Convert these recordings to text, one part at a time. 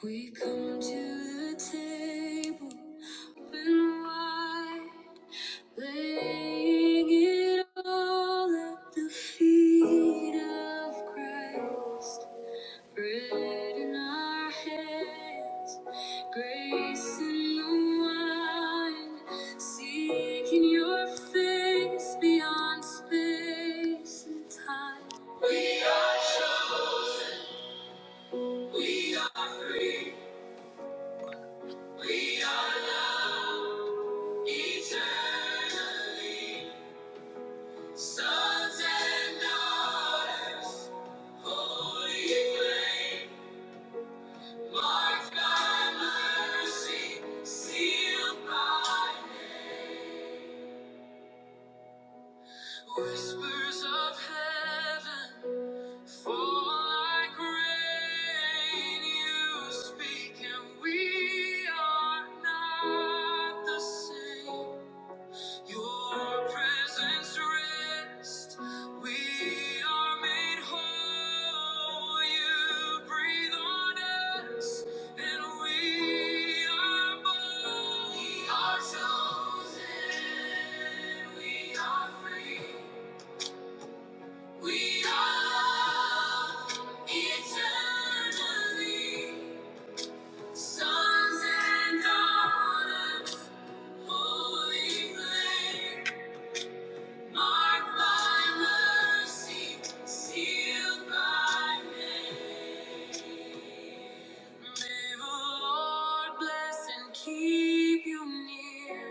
We come to the table, open wide, laying it all at the feet of Christ. Bread in our hands, grace in the wine, seeking your face beyond space and time. We are chosen, we are free. We are loved eternally, sons and daughters, holy flame, marked by mercy, sealed by whispers of heaven, fall like rain. You speak, and we are not the same. Your presence rest. We are made whole. You breathe on us, and we are born. We are chosen. We are free. We are loved eternally. Sons and daughters, holy flame. Marked by mercy, sealed by name. May the Lord bless and keep you near.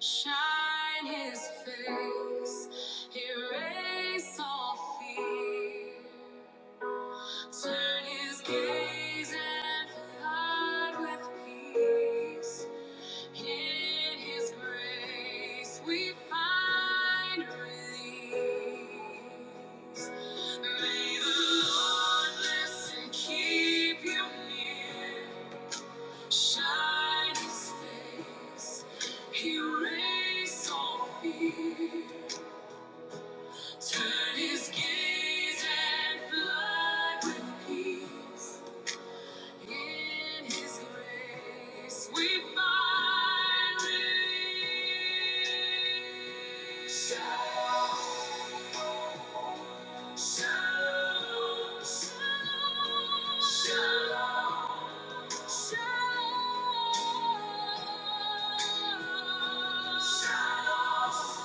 Shine His face, erase all fear. Turn His gaze and flood with peace. In His grace we find release. May the Lord bless and keep you near. Shine His face, erase all fear. Turn His gaze and flood with peace. In His grace we find relief. Shalom, shalom, shalom, shalom, shalom.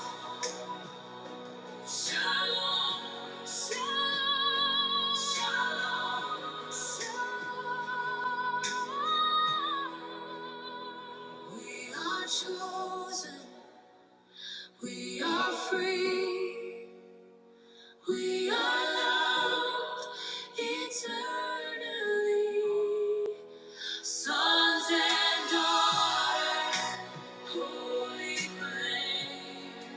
Shalom, shalom, shalom, shalom. We are chosen, we are free, we are loved eternally. Sons and daughters, holy flame.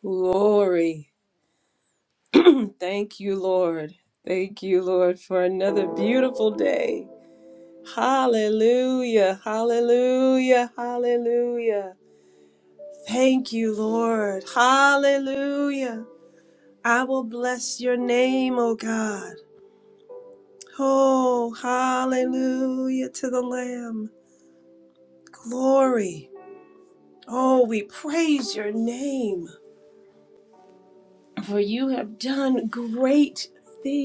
Glory. Thank you, Lord. Thank you, Lord, for another beautiful day. Hallelujah, hallelujah, hallelujah. Thank you, Lord. Hallelujah. I will bless your name, O God. Oh, hallelujah to the Lamb. Glory. Oh, we praise your name, for you have great thee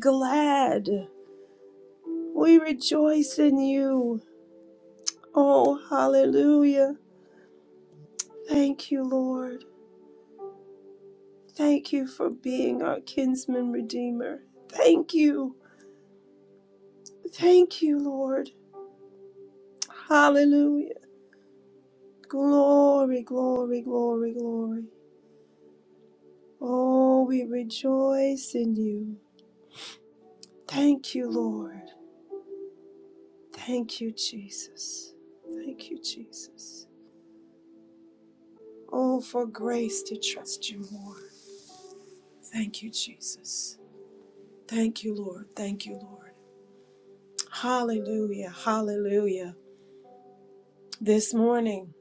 glad. We rejoice in you. Oh, hallelujah. Thank you, Lord. Thank you for being our kinsman redeemer. Thank you. Thank you, Lord. Hallelujah. Glory, glory, glory, glory. Oh, we rejoice in you. Thank you, Lord. Thank you, Jesus. Thank you, Jesus. Oh, for grace to trust you more. Thank you, Jesus. Thank you, Lord. Thank you, Lord. Hallelujah. Hallelujah. This morning,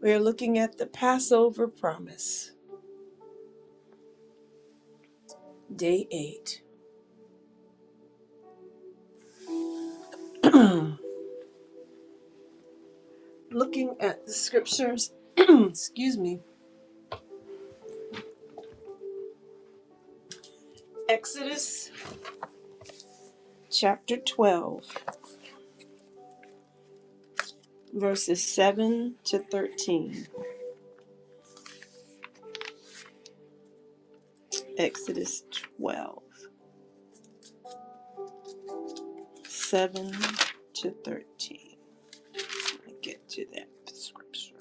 we're looking at the Passover promise, day eight. looking at the scriptures. Excuse me. Exodus chapter 12, verses 7 to 13. Exodus twelve, seven to 13. Let me get to that scripture.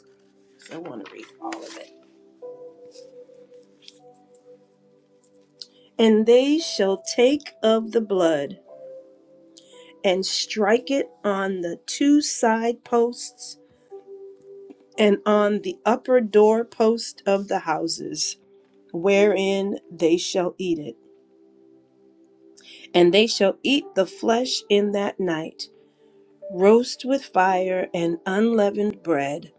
'cause I want to read all of it. And they shall take of the blood and strike it on the two side posts and on the upper door post of the houses, wherein they shall eat it and they shall eat the flesh in that night, roast with fire and unleavened bread,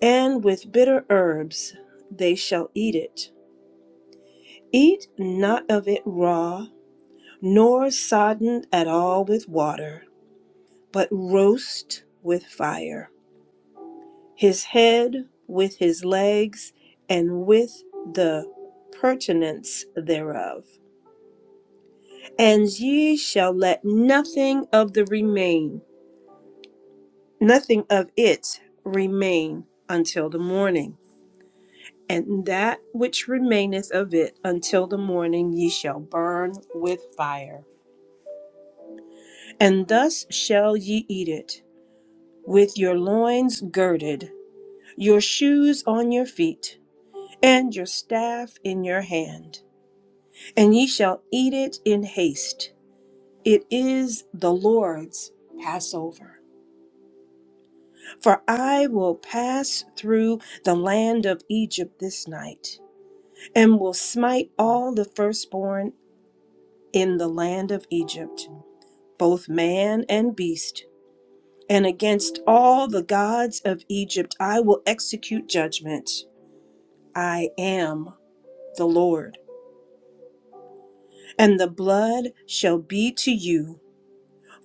and with bitter herbs they shall eat it. Eat not of it raw, nor sodden at all with water, but roast with fire, his head with his legs, and with the pertinence thereof. And ye shall let nothing of the remain nothing of it remain until the morning. And that which remaineth of it until the morning ye shall burn with fire. And thus shall ye eat it, with your loins girded, your shoes on your feet, and your staff in your hand. And ye shall eat it in haste. It is the Lord's Passover. For I will pass through the land of Egypt this night and will smite all the firstborn in the land of Egypt, both man and beast. And against all the gods of Egypt I will execute judgment. I am the Lord. And the blood shall be to you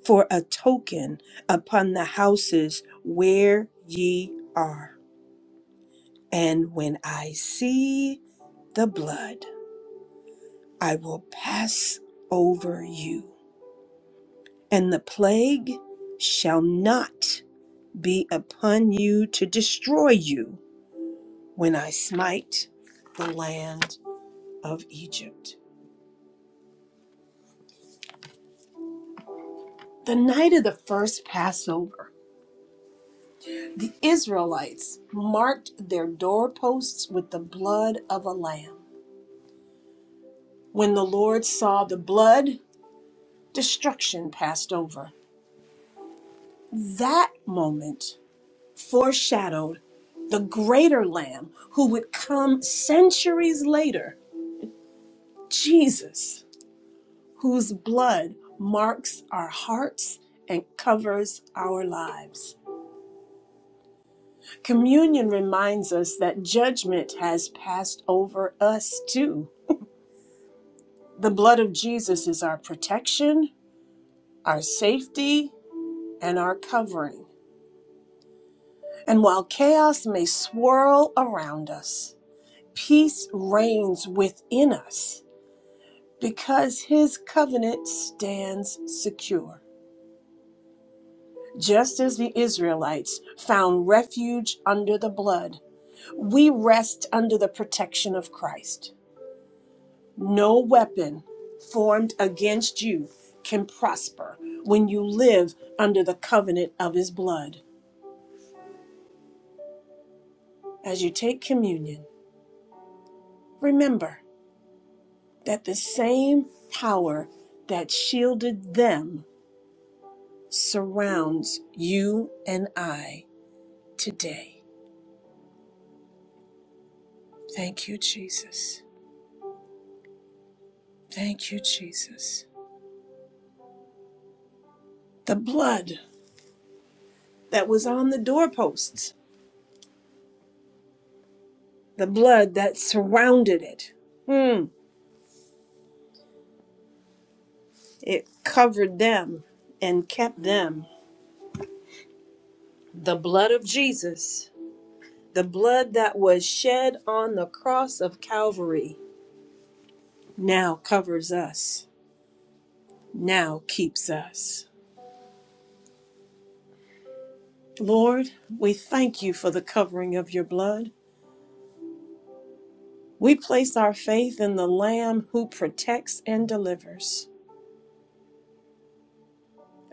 for a token upon the houses where ye are. And when I see the blood, I will pass over you and the plague shall not be upon you to destroy you when I smite the land of Egypt. The night of the first Passover, the Israelites marked their doorposts with the blood of a lamb. When the Lord saw the blood, destruction passed over. That moment foreshadowed the greater lamb who would come centuries later, Jesus whose blood marks our hearts and covers our lives. Communion reminds us that judgment has passed over us too. The blood of Jesus is our protection, our safety, and our covering. And while chaos may swirl around us, peace reigns within us because his covenant stands secure. Just as the Israelites found refuge under the blood, We rest under the protection of Christ. No weapon formed against you can prosper when you live under the covenant of his blood. As you take communion, remember that the same power that shielded them surrounds you and I today. Thank you, Jesus. Thank you, Jesus. The blood that was on the doorposts the blood that surrounded it. Hmm. It covered them and kept them. The blood of Jesus, the blood that was shed on the cross of Calvary, now covers us, now keeps us. Lord, we thank you for the covering of your blood. We place our faith in the Lamb who protects and delivers.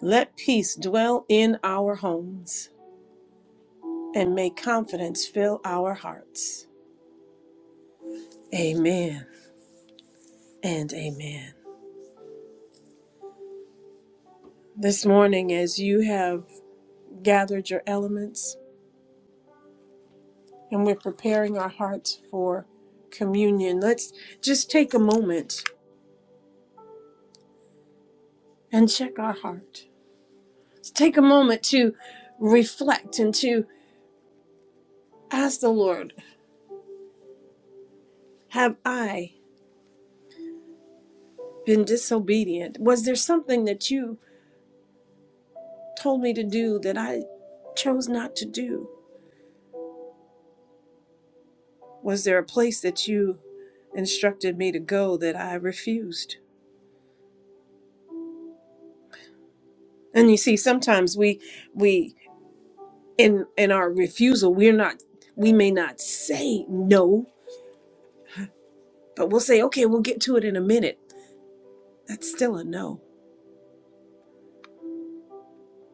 Let peace dwell in our homes and may confidence fill our hearts. Amen. and amen. This morning, as you have gathered your elements and we're preparing our hearts for communion, let's just take a moment and check our heart. Let's take a moment to reflect and to ask the Lord, Have I been disobedient? Was there something that you told me to do that I chose not to do? Was there a place that you instructed me to go that I refused? And you see, sometimes we we in in our refusal we're not we may not say no but we'll say okay we'll get to it in a minute that's still a no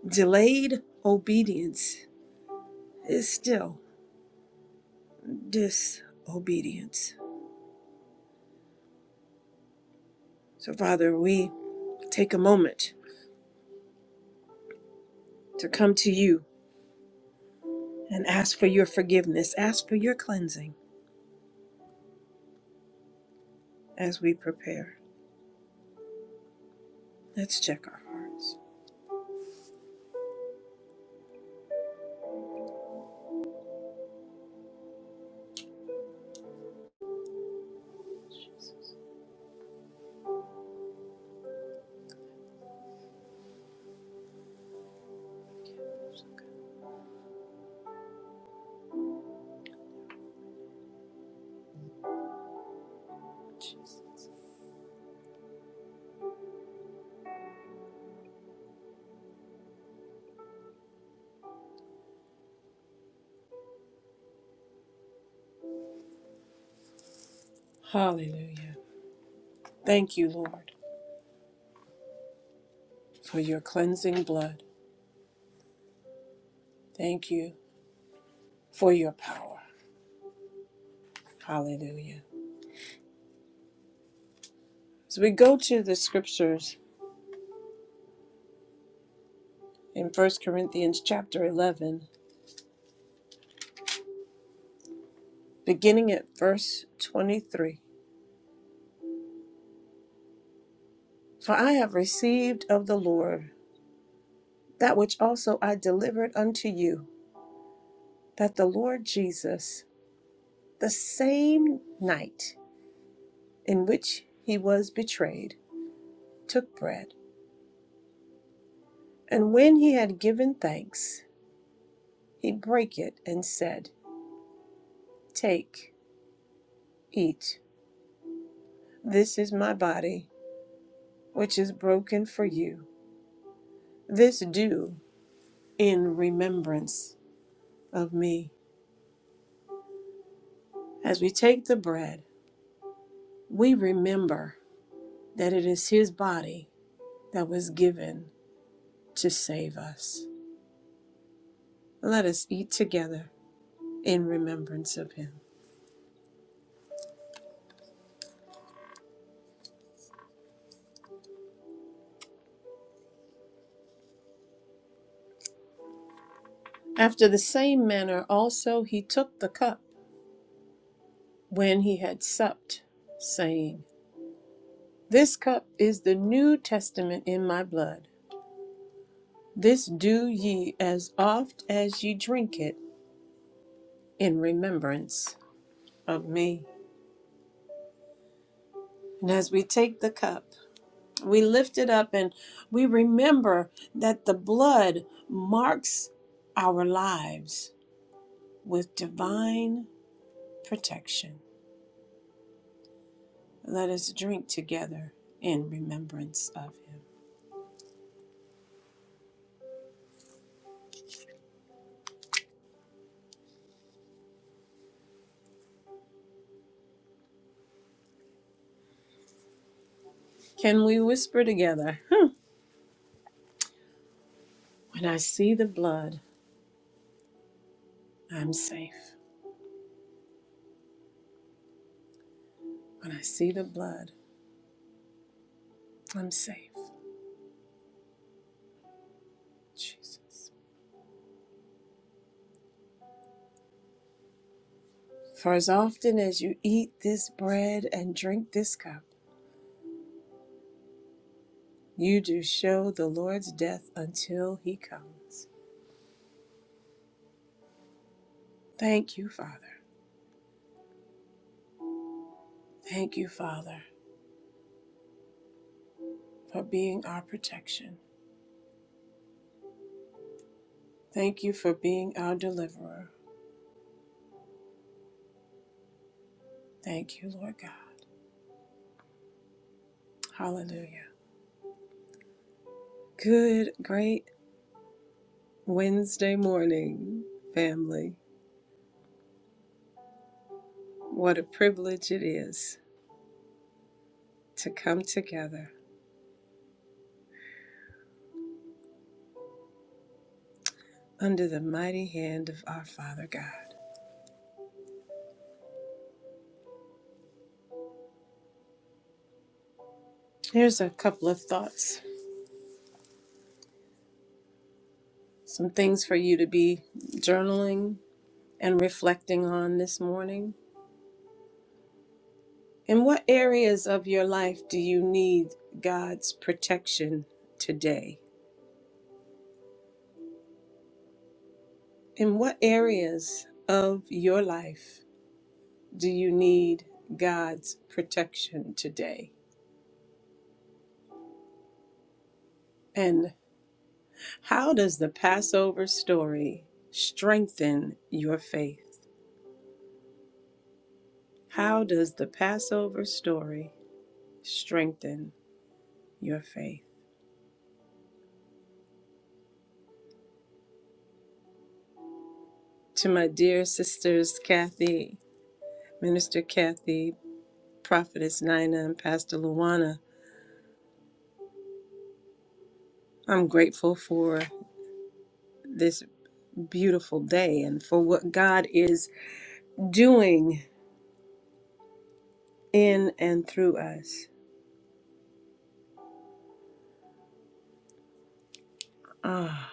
delayed obedience is still disobedience so father we take a moment to come to you and ask for your forgiveness ask for your cleansing as we prepare let's check our hearts hallelujah thank you lord for your cleansing blood thank you for your power hallelujah So we go to the scriptures in First Corinthians chapter 11, beginning at verse 23. For I have received of the Lord that which also I delivered unto you, that the Lord Jesus, the same night in which he was betrayed, took bread. And when he had given thanks, he brake it and said, Take, eat. This is my body, which is broken for you. This do in remembrance of me. As we take the bread, we remember that it is his body that was given to save us. Let us eat together in remembrance of him. After the same manner, also he took the cup when he had supped, saying, This cup is the New Testament in my blood. This do ye as oft as ye drink it in remembrance of me. And as we take the cup, we lift it up and we remember that the blood marks our lives with divine protection. Let us drink together in remembrance of him. Can we whisper together? Hmm. When I see the blood, I'm safe. When I see the blood, I'm safe. Jesus. For as often as you eat this bread and drink this cup, you do show the Lord's death until he comes. Thank you, Father. Thank you, Father, for being our protection. Thank you for being our deliverer. Thank you, Lord God. Hallelujah. Good, great Wednesday morning, family. What a privilege it is to come together under the mighty hand of our Father God. Here's a couple of thoughts, some things for you to be journaling and reflecting on this morning. In what areas of your life do you need God's protection today? In what areas of your life do you need God's protection today? And how does the Passover story strengthen your faith? How does the Passover story strengthen your faith? To my dear sisters, Kathy, Minister Kathy, Prophetess Nina, and Pastor Luana, I'm grateful for this beautiful day and for what God is doing in and through us. Ah,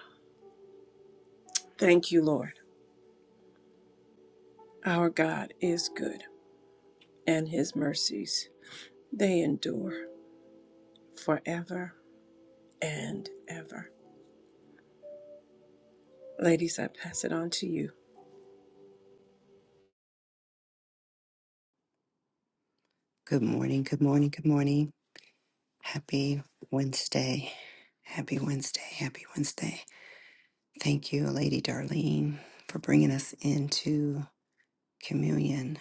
thank you, Lord. Our God is good, and his mercies, they endure forever and ever. Ladies, I pass it on to you. Good morning, good morning, good morning. Happy Wednesday. Happy Wednesday, happy Wednesday. Thank you, Lady Darlene, for bringing us into communion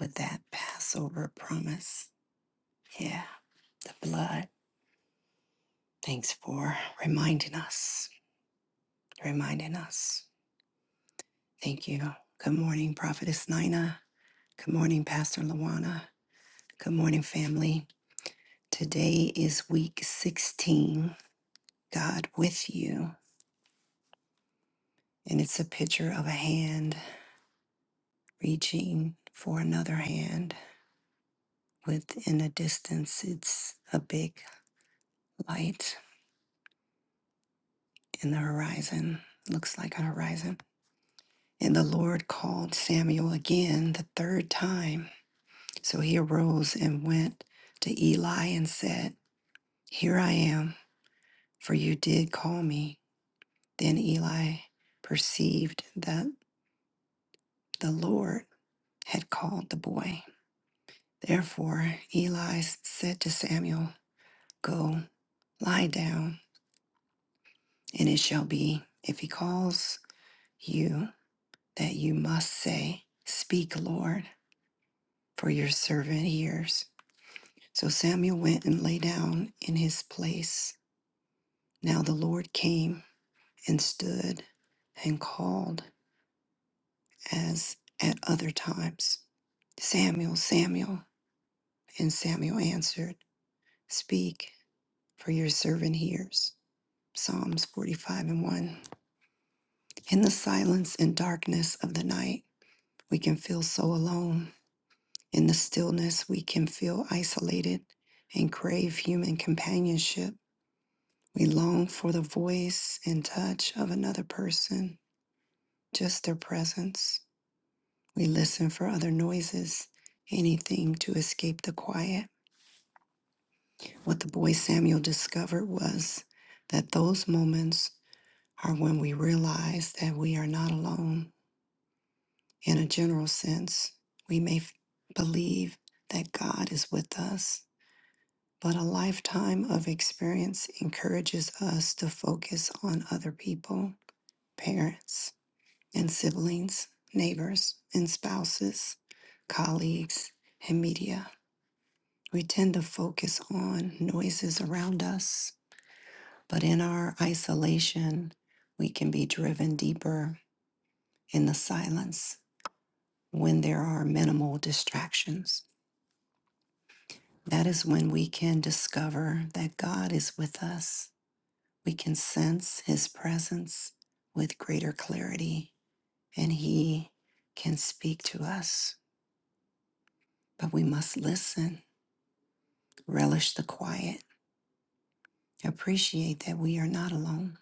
with that Passover promise. Yeah, the blood. Thanks for reminding us, reminding us. Thank you. Good morning, Prophetess Nina. Good morning, Pastor Lawana. Good morning, family. Today is week 16. God with you. And it's a picture of a hand reaching for another hand. Within a distance, it's a big light in the horizon. Looks like a horizon. And the Lord called Samuel again the third time. So he arose and went to Eli and said, Here I am, for you did call me. Then Eli perceived that the Lord had called the boy. Therefore, Eli said to Samuel, Go. Lie down, and it shall be, if he calls you, that you must say, Speak, Lord, for your servant hears. So Samuel went and lay down in his place. Now the Lord came and stood and called as at other times, Samuel, Samuel. And Samuel answered, Speak, for your servant hears. Psalms 45 and 1. In the silence and darkness of the night, We can feel so alone. In the stillness, we can feel isolated and crave human companionship. We long for the voice and touch of another person, just their presence. We listen for other noises, anything to escape the quiet. What the boy Samuel discovered was that those moments are when we realize that we are not alone. In a general sense, we may f- believe that God is with us but a lifetime of experience encourages us to focus on other people, parents and siblings, neighbors and spouses, colleagues and media. We tend to focus on noises around us, but in our isolation, we can be driven deeper in the silence when there are minimal distractions. That is when we can discover that God is with us We can sense His presence with greater clarity, and He can speak to us, but we must listen, relish the quiet, appreciate that we are not alone.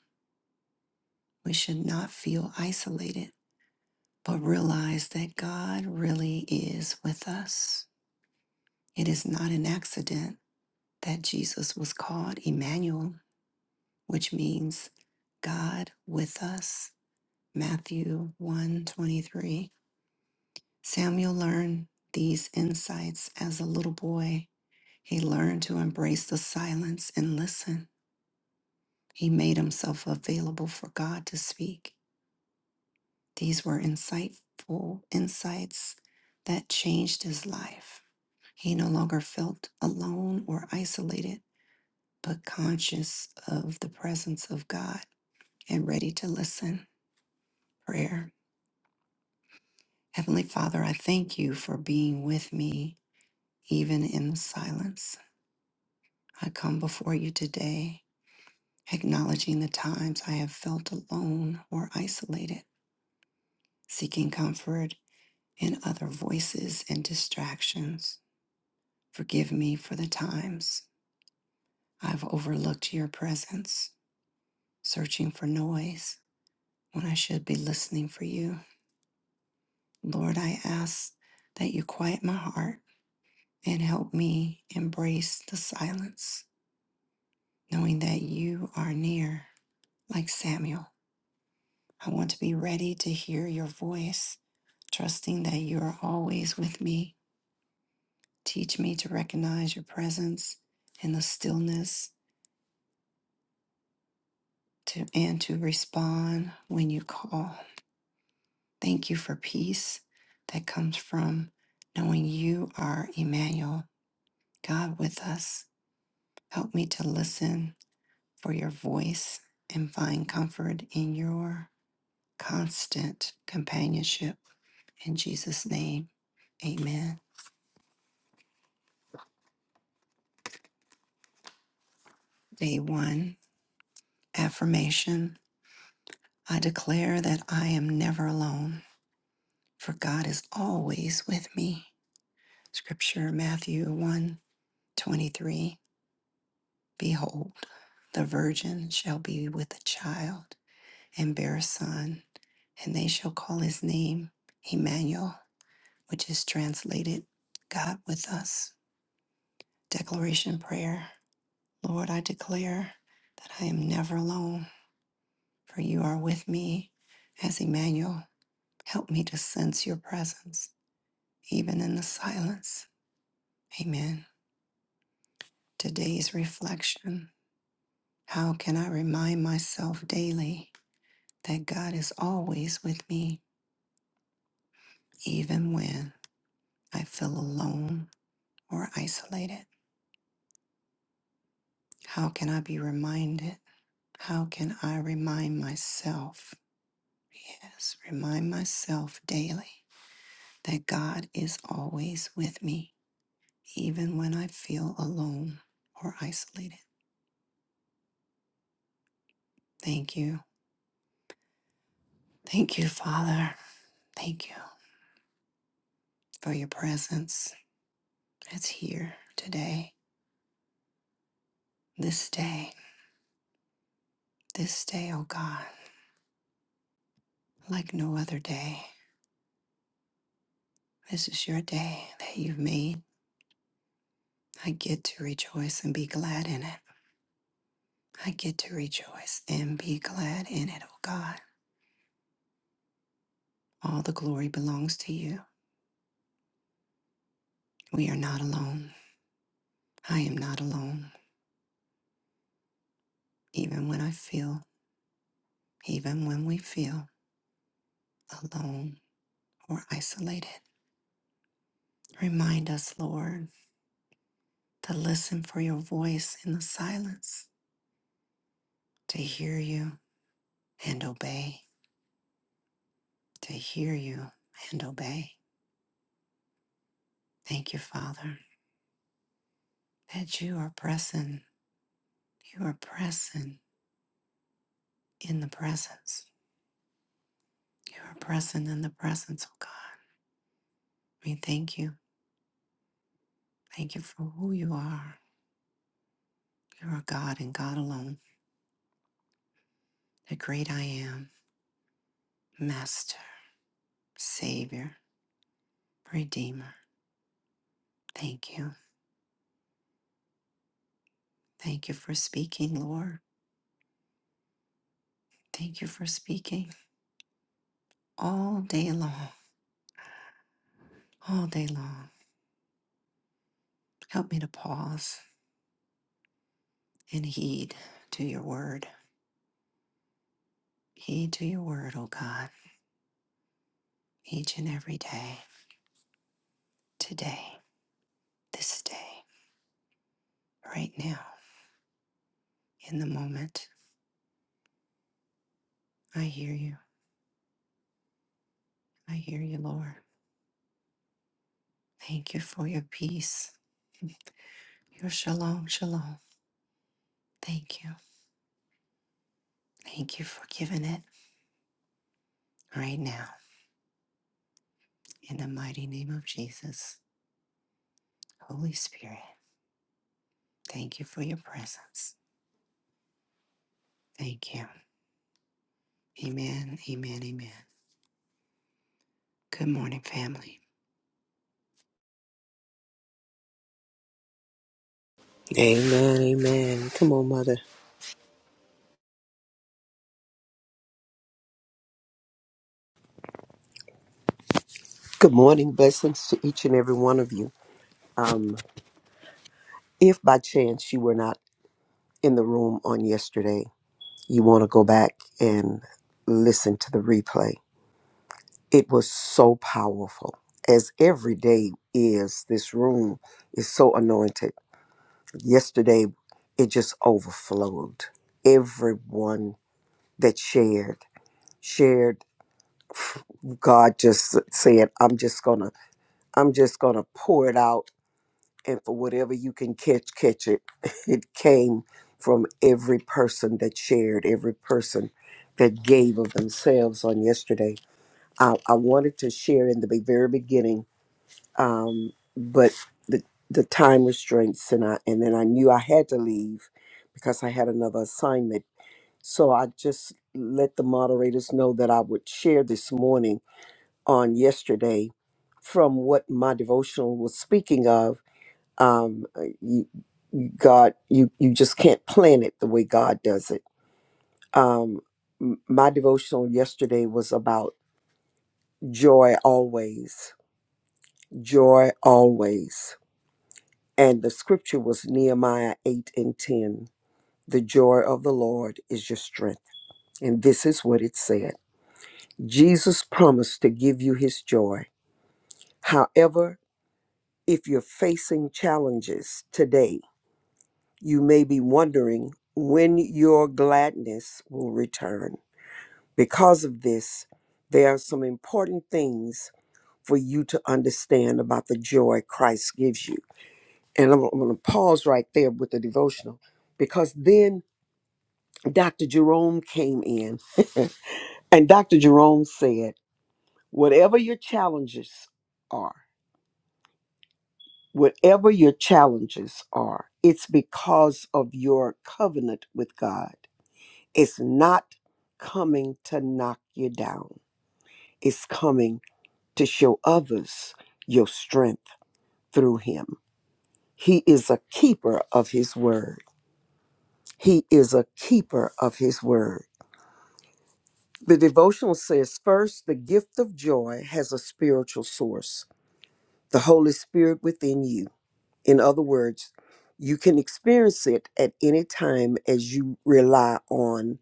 We should not feel isolated, but realize that God really is with us. It is not an accident that Jesus was called Emmanuel, which means God with us. Matthew one twenty three. Samuel learned these insights as a little boy. He learned to embrace the silence and listen. He made himself available for God to speak. These were insightful insights that changed his life. He no longer felt alone or isolated, but conscious of the presence of God and ready to listen. Prayer. Heavenly Father, I thank you for being with me even in the silence. I come before you today, acknowledging the times I have felt alone or isolated, seeking comfort in other voices and distractions. Forgive me for the times I've overlooked your presence, searching for noise when I should be listening for you. Lord, I ask that you quiet my heart and help me embrace the silence, knowing that you are near, like Samuel. I want to be ready to hear your voice trusting that you are always with me. Teach me to recognize your presence in the stillness to, and to respond when you call. Thank you for peace that comes from knowing you are Emmanuel, God with us. Help me to listen for your voice and find comfort in your constant companionship. In Jesus' name, amen. Day one affirmation I declare that I am never alone, for God is always with me. Scripture Matthew one 23. Behold, the virgin shall be with a child and bear a son, and they shall call his name Emmanuel, which is translated God with us. Declaration Prayer Lord, I declare that I am never alone, for you are with me as Emmanuel. Help me to sense your presence even in the silence. Amen. Today's reflection How can I remind myself daily that God is always with me, even when I feel alone or isolated? How can I be reminded? How can I remind myself? Yes, remind myself daily that God is always with me, even when I feel alone or isolated. Thank you. Thank you, Father. Thank you. for your presence that's here today, this day, this day, oh God, like no other day. This is your day that you've made. I get to rejoice and be glad in it. I get to rejoice and be glad in it, oh God. All the glory belongs to you. We are not alone. I am not alone. Even when I feel, even when we feel alone or isolated, remind us, Lord, to listen for your voice in the silence to hear you and obey, to hear you and obey. Thank you, Father, that you are present. You are present in the presence. You are present in the presence, oh God. We thank you. Thank you for who you are. You are God and God alone, the great I am, Master, Savior, Redeemer. Thank you. Thank you for speaking, Lord. Thank you for speaking all day long, all day long. Help me to pause and heed to your word. Heed to your word, O God, each and every day, today, this day, right now, in the moment. I hear you. I hear you, Lord. Thank you for your peace, your shalom, shalom. Thank you. Thank you for giving it right now, in the mighty name of Jesus. Holy Spirit, thank you for your presence. Thank you. Amen, amen, amen. Good morning, family. Amen, amen. Come on, Mother. Good morning. Blessings to each and every one of you. Um, if by chance you were not in the room on yesterday, you want to go back and listen to the replay. It was so powerful. As every day is, this room is so anointed. Yesterday, it just overflowed. Everyone that shared, shared. God just said, I'm just going to, I'm just going to pour it out and for whatever you can catch, catch it. It came from every person that shared, every person that gave of themselves on yesterday. I, I wanted to share in the be- very beginning, um, but the the time restraints, and I and then I knew I had to leave because I had another assignment. So I just let the moderators know that I would share this morning on yesterday from what my devotional was speaking of um uh, you, you god you you just can't plan it the way god does it um m- my devotional yesterday was about joy always joy always and the scripture was nehemiah 8 and 10 the joy of the lord is your strength and this is what it said jesus promised to give you his joy however if you're facing challenges today you may be wondering when your gladness will return. Because of this, there are some important things for you to understand about the joy Christ gives you. And I'm, I'm going to pause right there with the devotional because then Dr. Jerome came in and Dr. Jerome said, Whatever your challenges are, whatever your challenges are, it's because of your covenant with God. It's not coming to knock you down, it's coming to show others your strength through Him. He is a keeper of His word. He is a keeper of His word. The devotional says first, the gift of joy has a spiritual source, the Holy Spirit within you. In other words, you can experience it at any time as you rely on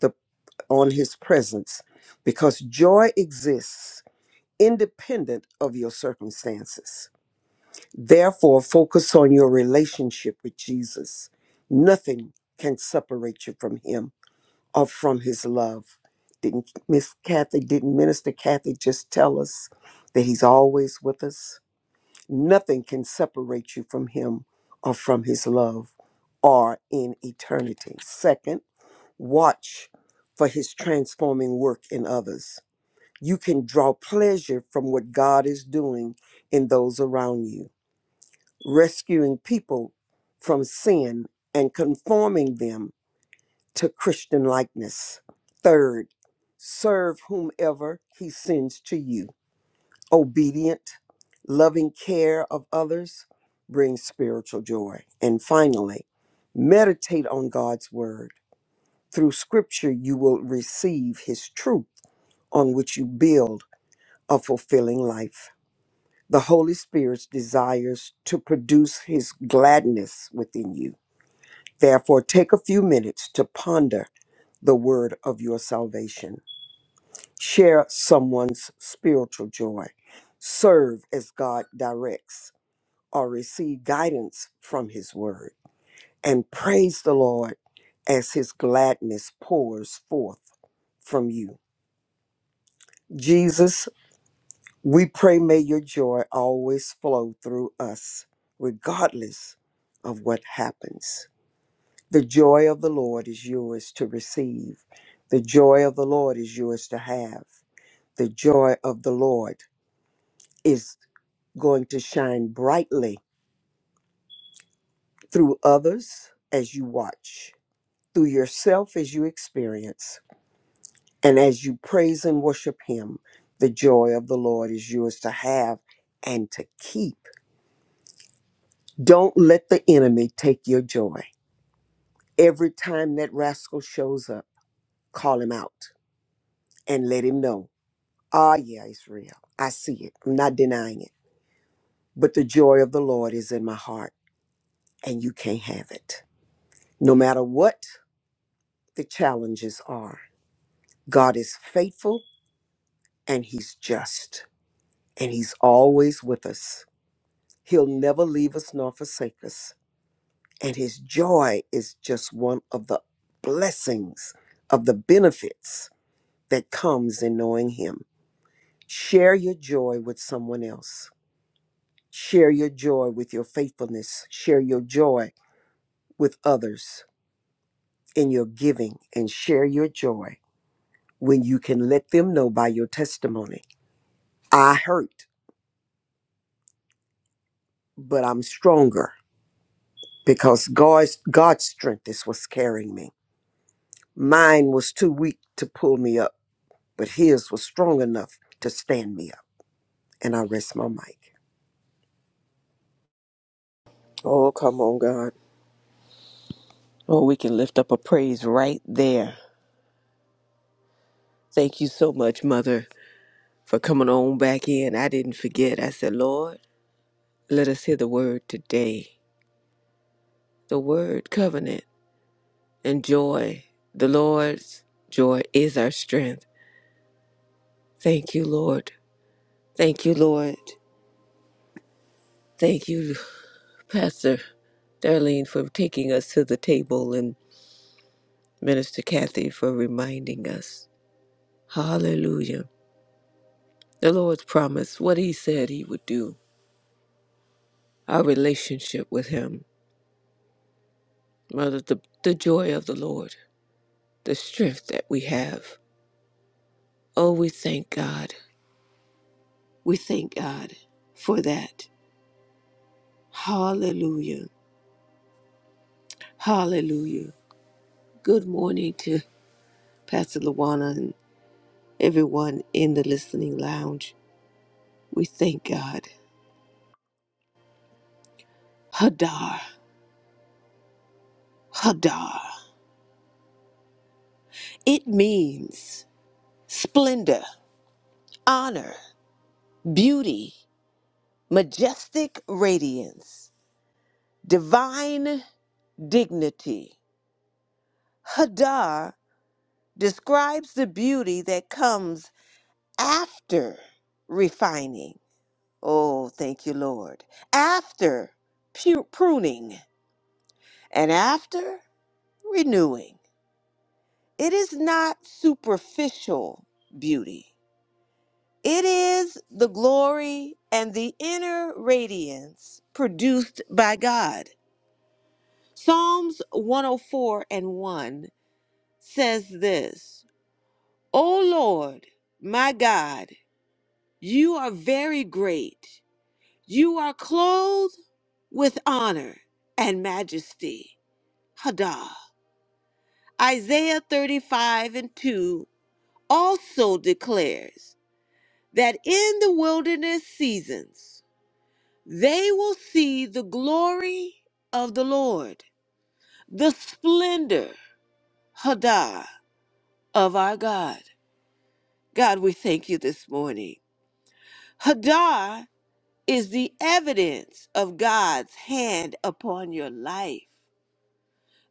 the on his presence because joy exists independent of your circumstances. Therefore, focus on your relationship with Jesus. Nothing can separate you from Him or from His love. Didn't Miss Kathy, didn't Minister Kathy just tell us that He's always with us? Nothing can separate you from Him or from His love or in eternity. Second, watch for His transforming work in others you can draw pleasure from what God is doing in those around you, rescuing people from sin and conforming them to Christian likeness. Third, serve whomever He sends to you. Obedient, loving care of others brings spiritual joy. And finally, meditate on God's word. Through scripture, you will receive His truth on which you build a fulfilling life. The Holy Spirit desires to produce his gladness within you. Therefore, take a few minutes to ponder the word of your salvation. Share someone's spiritual joy. Serve as God directs or receive guidance from his word. And praise the Lord as his gladness pours forth from you. Jesus We pray, may your joy always flow through us, regardless of what happens. The joy of the Lord is yours to receive. The joy of the Lord is yours to have. The joy of the Lord is going to shine brightly through others as you watch, through yourself as you experience, and as you praise and worship Him. The joy of the Lord is yours to have and to keep Don't let the enemy take your joy. Every time that rascal shows up, call him out and let him know. Ah, yeah, it's real. I see it. I'm not denying it. But the joy of the Lord is in my heart, and you can't have it. No matter what the challenges are, God is faithful and he's just, and he's always with us. He'll never leave us nor forsake us. And his joy is just one of the blessings, of the benefits that comes in knowing Him. Share your joy with someone else. Share your joy with your faithfulness. Share your joy with others in your giving and share your joy when you can let them know by your testimony. I hurt, but I'm stronger because God's, God's strength is what's carrying me. Mine was too weak to pull me up, but His was strong enough to stand me up. And I rest my mic. Oh, come on, God. Oh, we can lift up a praise right there. Thank you so much, Mother, for coming on back in. I didn't forget. I said, Lord, let us hear the word today. The word covenant and joy. The Lord's joy is our strength. Thank you, Lord. Thank you, Lord. Thank you, Pastor Darlene, for taking us to the table and Minister Kathy for reminding us. Hallelujah. The Lord's promise, what He said He would do, our relationship with Him, Mother, the, the joy of the Lord, the strength that we have. Oh, we thank God. We thank God for that. Hallelujah. Hallelujah. Good morning to Pastor Luana and everyone in the listening lounge. We thank God. Hadar, Hadar. It means splendor, honor, beauty. majestic radiance, divine dignity. Hadar describes the beauty that comes after refining. Oh, thank you, Lord. After pu- pruning and after renewing. It is not superficial beauty. It is the glory and the inner radiance produced by God. Psalms 104 and 1 says this O Lord, my God, you are very great. You are clothed with honor and majesty. Haddah. Isaiah 35 and 2 also declares that in the wilderness seasons they will see the glory of the Lord, the splendor, Haddah, of our God. God, we thank you this morning. Hadar is the evidence of God's hand upon your life.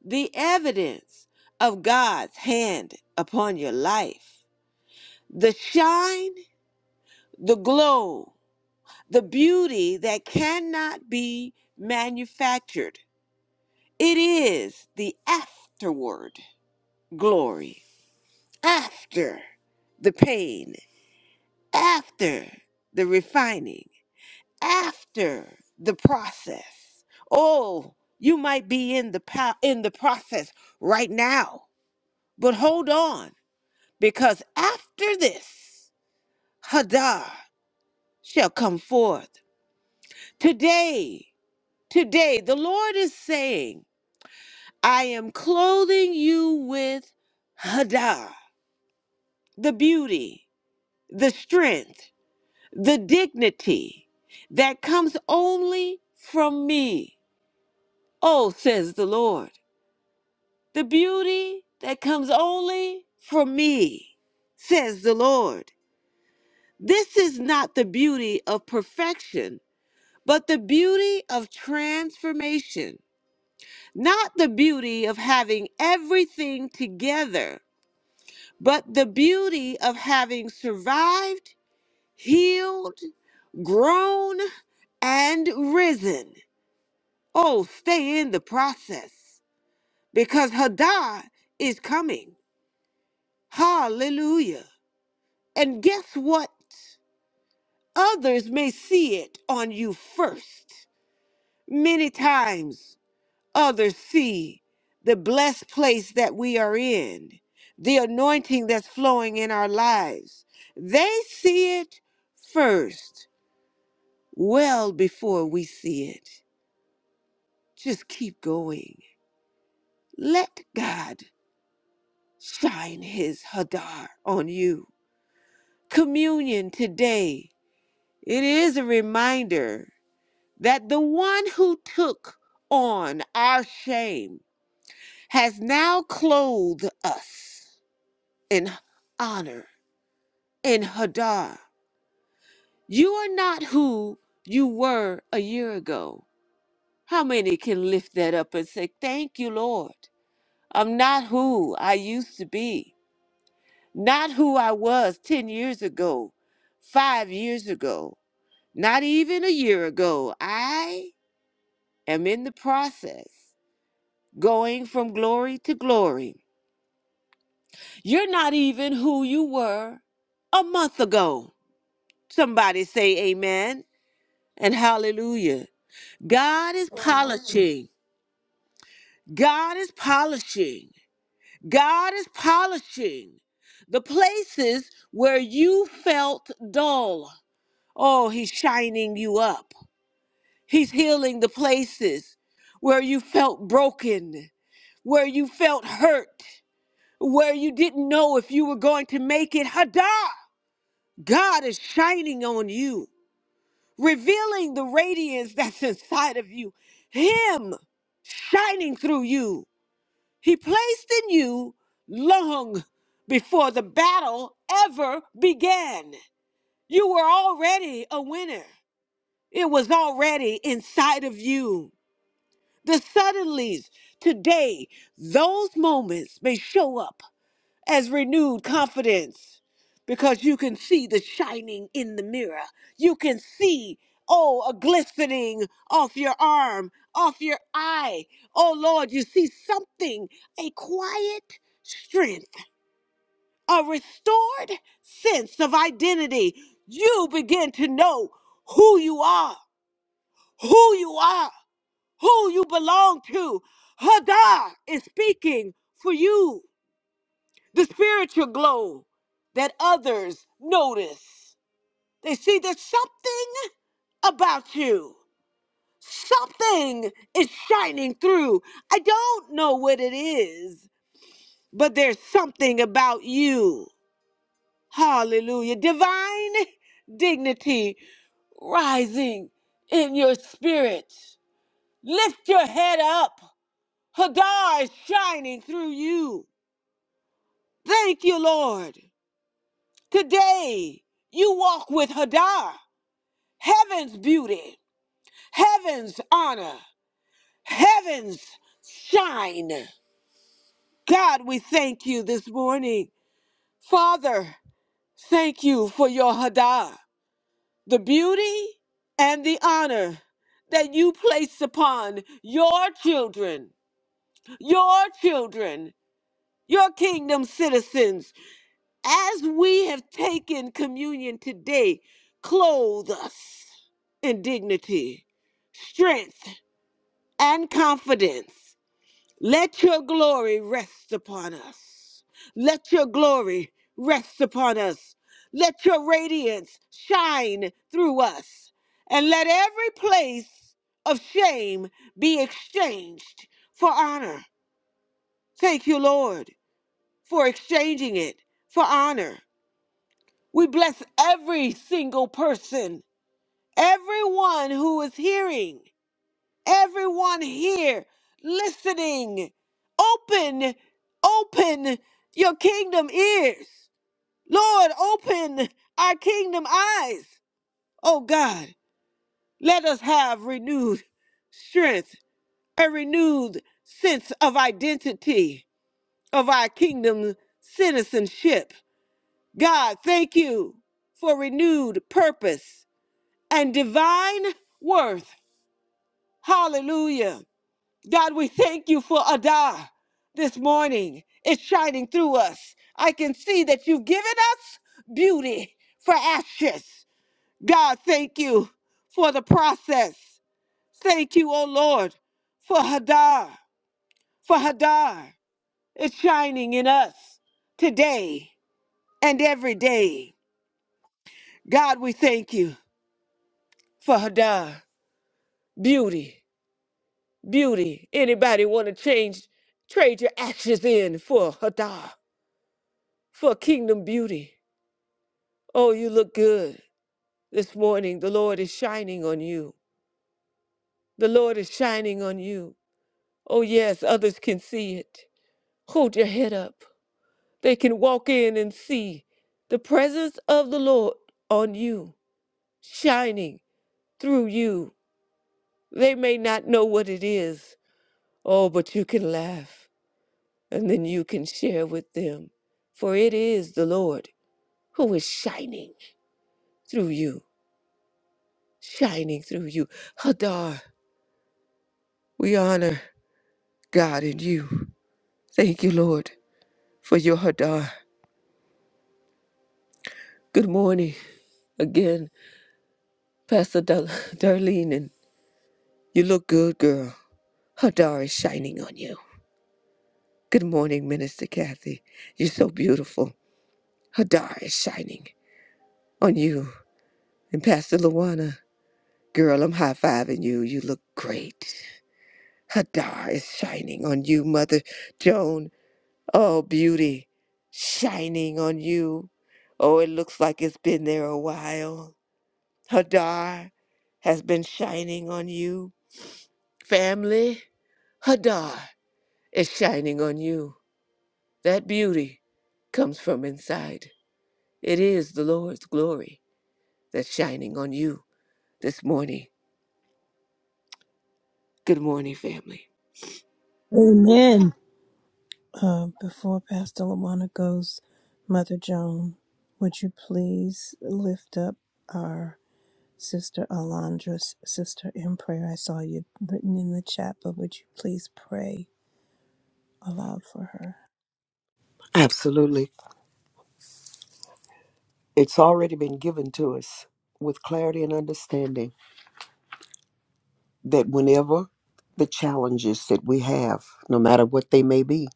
The evidence of God's hand upon your life. The shine, the glow, the beauty that cannot be manufactured. It is the afterward glory, after the pain, after the refining after the process. Oh, you might be in the po- in the process right now, but hold on, because after this, Hadar shall come forth. Today, today, the Lord is saying, I am clothing you with Hadar, the beauty, the strength, the dignity that comes only from me. Oh, says the Lord. the beauty that comes only from me, says the Lord. This is not the beauty of perfection, but the beauty of transformation. Not the beauty of having everything together, but the beauty of having survived, healed, grown, and risen. Oh, stay in the process because Hadar is coming. Hallelujah. And guess what? Others may see it on you first. Many times, others see the blessed place that we are in, the anointing that's flowing in our lives. They see it first, well before we see it. Just keep going. Let God shine his Hadar on you. Communion today, it is a reminder that the one who took on our shame has now clothed us in honor, in Hadar. You are not who you were a year ago. How many can lift that up and say, Thank you, Lord? I'm not who I used to be, not who I was 10 years ago, five years ago, not even a year ago. I am in the process. going from glory to glory. You're not even who you were a month ago. Somebody say amen and hallelujah. God is polishing. God is polishing. God is polishing the places where you felt dull. Oh, he's shining you up. He's healing the places where you felt broken, where you felt hurt. where you didn't know if you were going to make it. Hada! God is shining on you, revealing the radiance that's inside of you. Him shining through you. He placed in you long before the battle ever began. You were already a winner. It was already inside of you. The suddenlies today, those moments may show up as renewed confidence because you can see the shining in the mirror. You can see, oh, a glistening off your arm, off your eye. Oh, Lord, you see something, a quiet strength, a restored sense of identity. You begin to know who you are, who you are, who you belong to. Hadar is speaking for you the spiritual glow that others notice. They see there's something about you. Something is shining through. I don't know what it is, but there's something about you. Hallelujah. Divine dignity rising in your spirit. Lift your head up. Hadar is shining through you. Thank you, Lord. Today, you walk with Hadar, heaven's beauty, heaven's honor, heaven's shine. God, we thank you this morning. Father, thank you for your Hadar, the beauty and the honor that you place upon your children, your children, your kingdom citizens As we have taken communion today, clothe us in dignity, strength, and confidence. Let your glory rest upon us. Let your glory rest upon us. Let your radiance shine through us. And let every place of shame be exchanged for honor. Thank you, Lord, for exchanging it for honor. We bless every single person, everyone who is hearing, everyone here listening. Open, open your kingdom ears. Lord, open our kingdom eyes. Oh God, let us have renewed strength, a renewed sense of identity, of our kingdom citizenship. God, thank you for renewed purpose and divine worth. Hallelujah. God, we thank you for Adah this morning. It's shining through us. I can see that you've given us beauty for ashes. God, thank you for the process. Thank you, O Lord, for Hadar, for Hadar. It's shining in us today and every day. God, we thank you for Hadar, beauty. Beauty. Anybody want to change, trade your ashes in for Hadar, for kingdom beauty? Oh, you look good this morning. The Lord is shining on you. The Lord is shining on you. Oh, yes, others can see it. Hold your head up. They can walk in and see the presence of the Lord on you, shining through you. They may not know what it is. Oh, but you can laugh. and then you can share with them. For it is the Lord who is shining through you, shining through you. Hadar, we honor God in you. Thank you, Lord, for your Hadar. Good morning again, Pastor Dar- Darlene, and you look good, girl. Hadar is shining on you. Good morning, Minister Kathy. You're so beautiful. Hadar is shining on you. And Pastor Luana. Girl, I'm high fiving you. You look great. Hadar is shining on you, Mother Joan. Oh, beauty, shining on you. Oh, it looks like it's been there a while. Hadar has been shining on you. Family, Hadar is shining on you. That beauty comes from inside. It is the Lord's glory that's shining on you this morning. Good morning, family. Amen. Uh, before Pastor Lawana goes, Mother Joan, would you please lift up our Sister Alondra's sister in prayer. I saw you written in the chat, but would you please pray aloud for her? Absolutely. It's already been given to us with clarity and understanding that whenever the challenges that we have, no matter what they may be,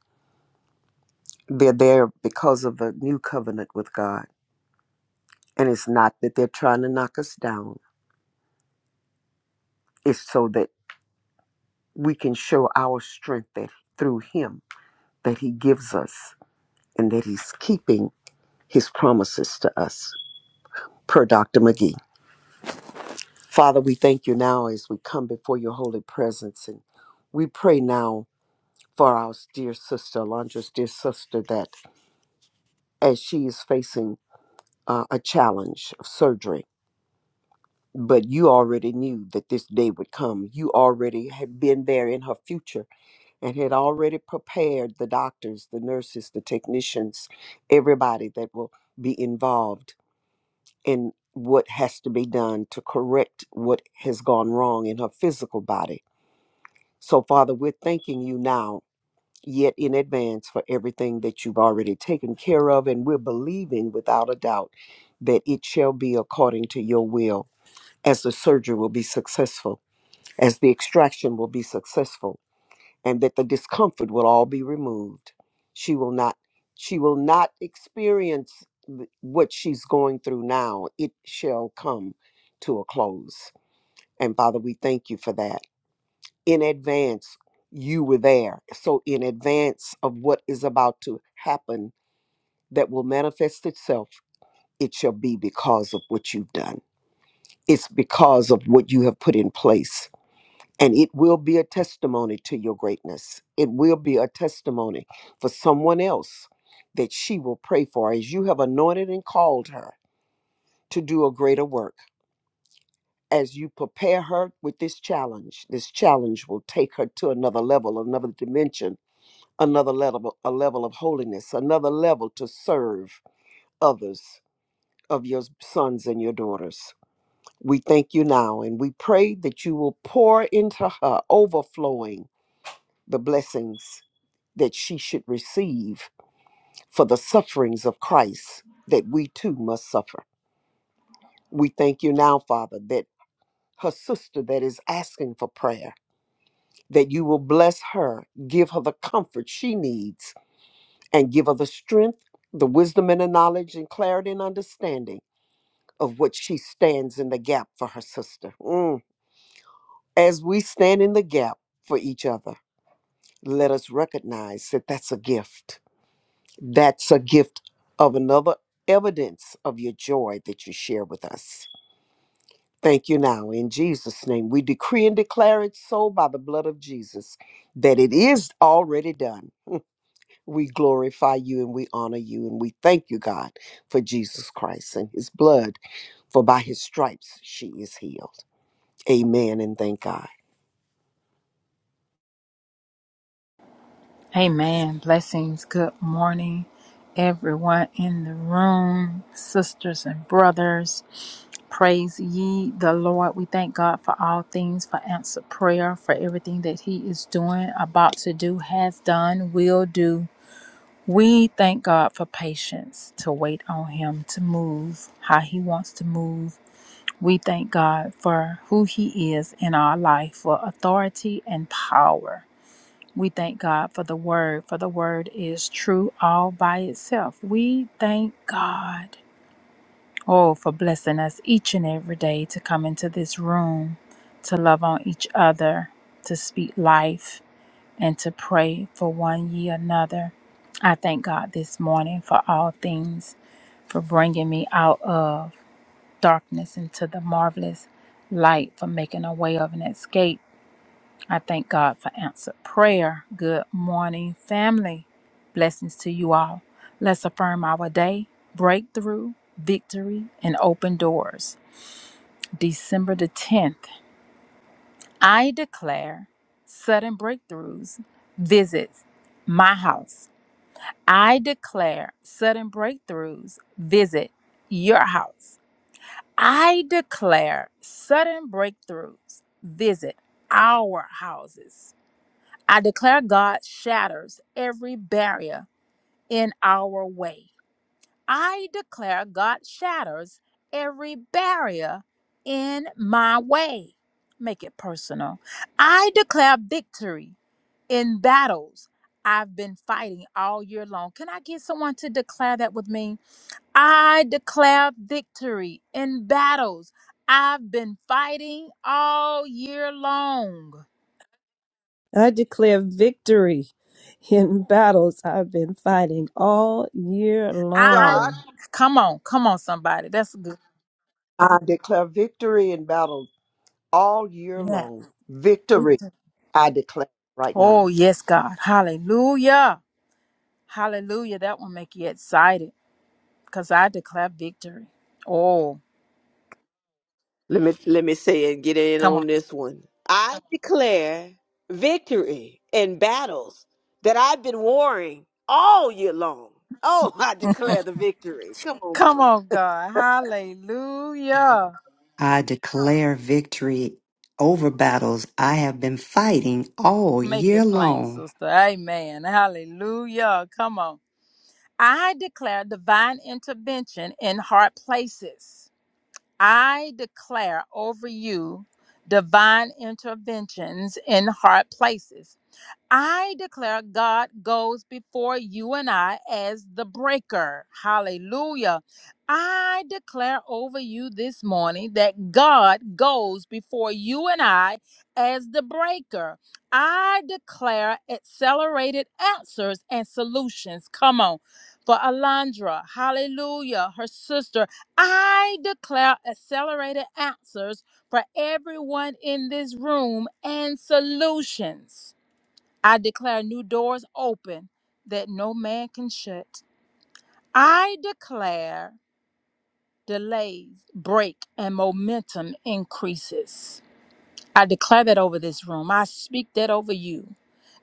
they're there because of a new covenant with God. And it's not that they're trying to knock us down, it's so that we can show our strength that through Him that He gives us and that He's keeping His promises to us, per Dr. McGee. Father, we thank you now as we come before your holy presence and we pray now for our dear sister, Londra's dear sister, that as she is facing uh, a challenge of surgery, but you already knew that this day would come. You already had been there in her future and had already prepared the doctors, the nurses, the technicians, everybody that will be involved in what has to be done to correct what has gone wrong in her physical body. So, Father, we're thanking you now yet in advance for everything that you've already taken care of. And we're believing without a doubt that it shall be according to your will, as the surgery will be successful, as the extraction will be successful, and that the discomfort will all be removed. She will not, she will not experience th- what she's going through now. It shall come to a close. And Father, we thank you for that in advance you were there so in advance of what is about to happen that will manifest itself it shall be because of what you've done it's because of what you have put in place and it will be a testimony to your greatness it will be a testimony for someone else that she will pray for as you have anointed and called her to do a greater work as you prepare her with this challenge this challenge will take her to another level another dimension another level a level of holiness another level to serve others of your sons and your daughters we thank you now and we pray that you will pour into her overflowing the blessings that she should receive for the sufferings of Christ that we too must suffer we thank you now father that her sister that is asking for prayer that you will bless her give her the comfort she needs and give her the strength, the wisdom, and the knowledge, and clarity and understanding of what she stands in the gap for her sister. Mm. As we stand in the gap for each other, let us recognize that that's a gift. That's a gift of another evidence of your joy that you share with us. Thank you now. In Jesus' name, we decree and declare it so by the blood of Jesus that it is already done. We glorify you and we honor you and we thank you, God, for Jesus Christ and his blood, for by his stripes she is healed. Amen and thank God. Amen. Blessings. Good morning, everyone in the room, sisters and brothers. Praise ye the Lord. We thank God for all things, for answer prayer, for everything that He is doing, about to do, has done, will do. We thank God for patience to wait on Him to move how He wants to move. We thank God for who He is in our life, for authority and power. We thank God for the word, for the word is true all by itself. We thank God, oh, for blessing us each and every day to come into this room, to love on each other, to speak life, and to pray for one ye another. I thank God this morning for all things, for bringing me out of darkness into the marvelous light, for making a way of an escape I thank God for answered prayer. Good morning, family. Blessings to you all. Let's affirm our day, breakthrough, victory, and open doors. December the 10th, I declare sudden breakthroughs visits my house. I declare sudden breakthroughs visit your house. I declare sudden breakthroughs visit our houses. I declare God shatters every barrier in our way. I declare God shatters every barrier in my way. Make it personal. I declare victory in battles I've been fighting all year long. Can I get someone to declare that with me? I declare victory in battles I've been fighting all year long. I declare victory in battles I've been fighting all year I long. come on, come on, somebody. That's good. I declare victory in battle all year Yes. long. Victory, I declare right now. Oh, yes, God. Hallelujah. Hallelujah. That will make you excited because I declare victory. Oh, Let me let me say and get in come on. on this one. I declare victory in battles that I've been warring all year long. Oh, I declare the victory. Come on, Come God. on, God. Hallelujah. I declare victory over battles I have been fighting all Make year it plain, long. sister. Amen. Hallelujah. Come on. I declare divine intervention in hard places. I declare over you divine interventions in hard places. I declare God goes before you and I as the breaker. Hallelujah. I declare over you this morning that God goes before you and I as the breaker. I declare accelerated answers and solutions. Come on. For Alondra, hallelujah, her sister, I declare accelerated answers for everyone in this room and solutions. I declare new doors open that no man can shut. I declare delays break and momentum increases. I declare that over this room. I speak that over you.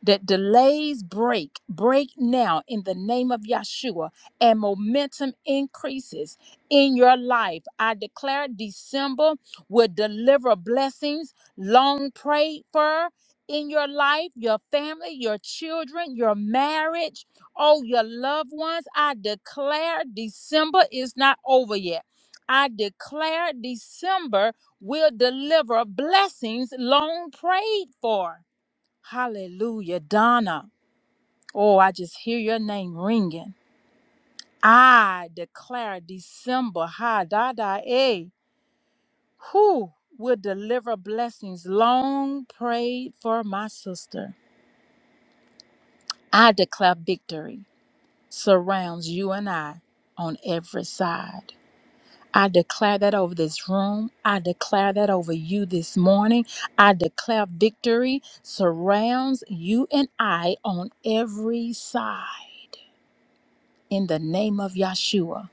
That delays break, break now in the name of Yeshua, and momentum increases in your life. I declare December will deliver blessings long prayed for in your life, your family, your children, your marriage, oh, your loved ones. I declare December is not over yet. I declare December will deliver blessings long prayed for. Hallelujah, Donna. Oh, I just hear your name ringing. I declare December, ha da da eh, who will deliver blessings long prayed for my sister. I declare victory surrounds you and I on every side. I declare that over this room. I declare that over you this morning. I declare victory surrounds you and I on every side. In the name of Yeshua,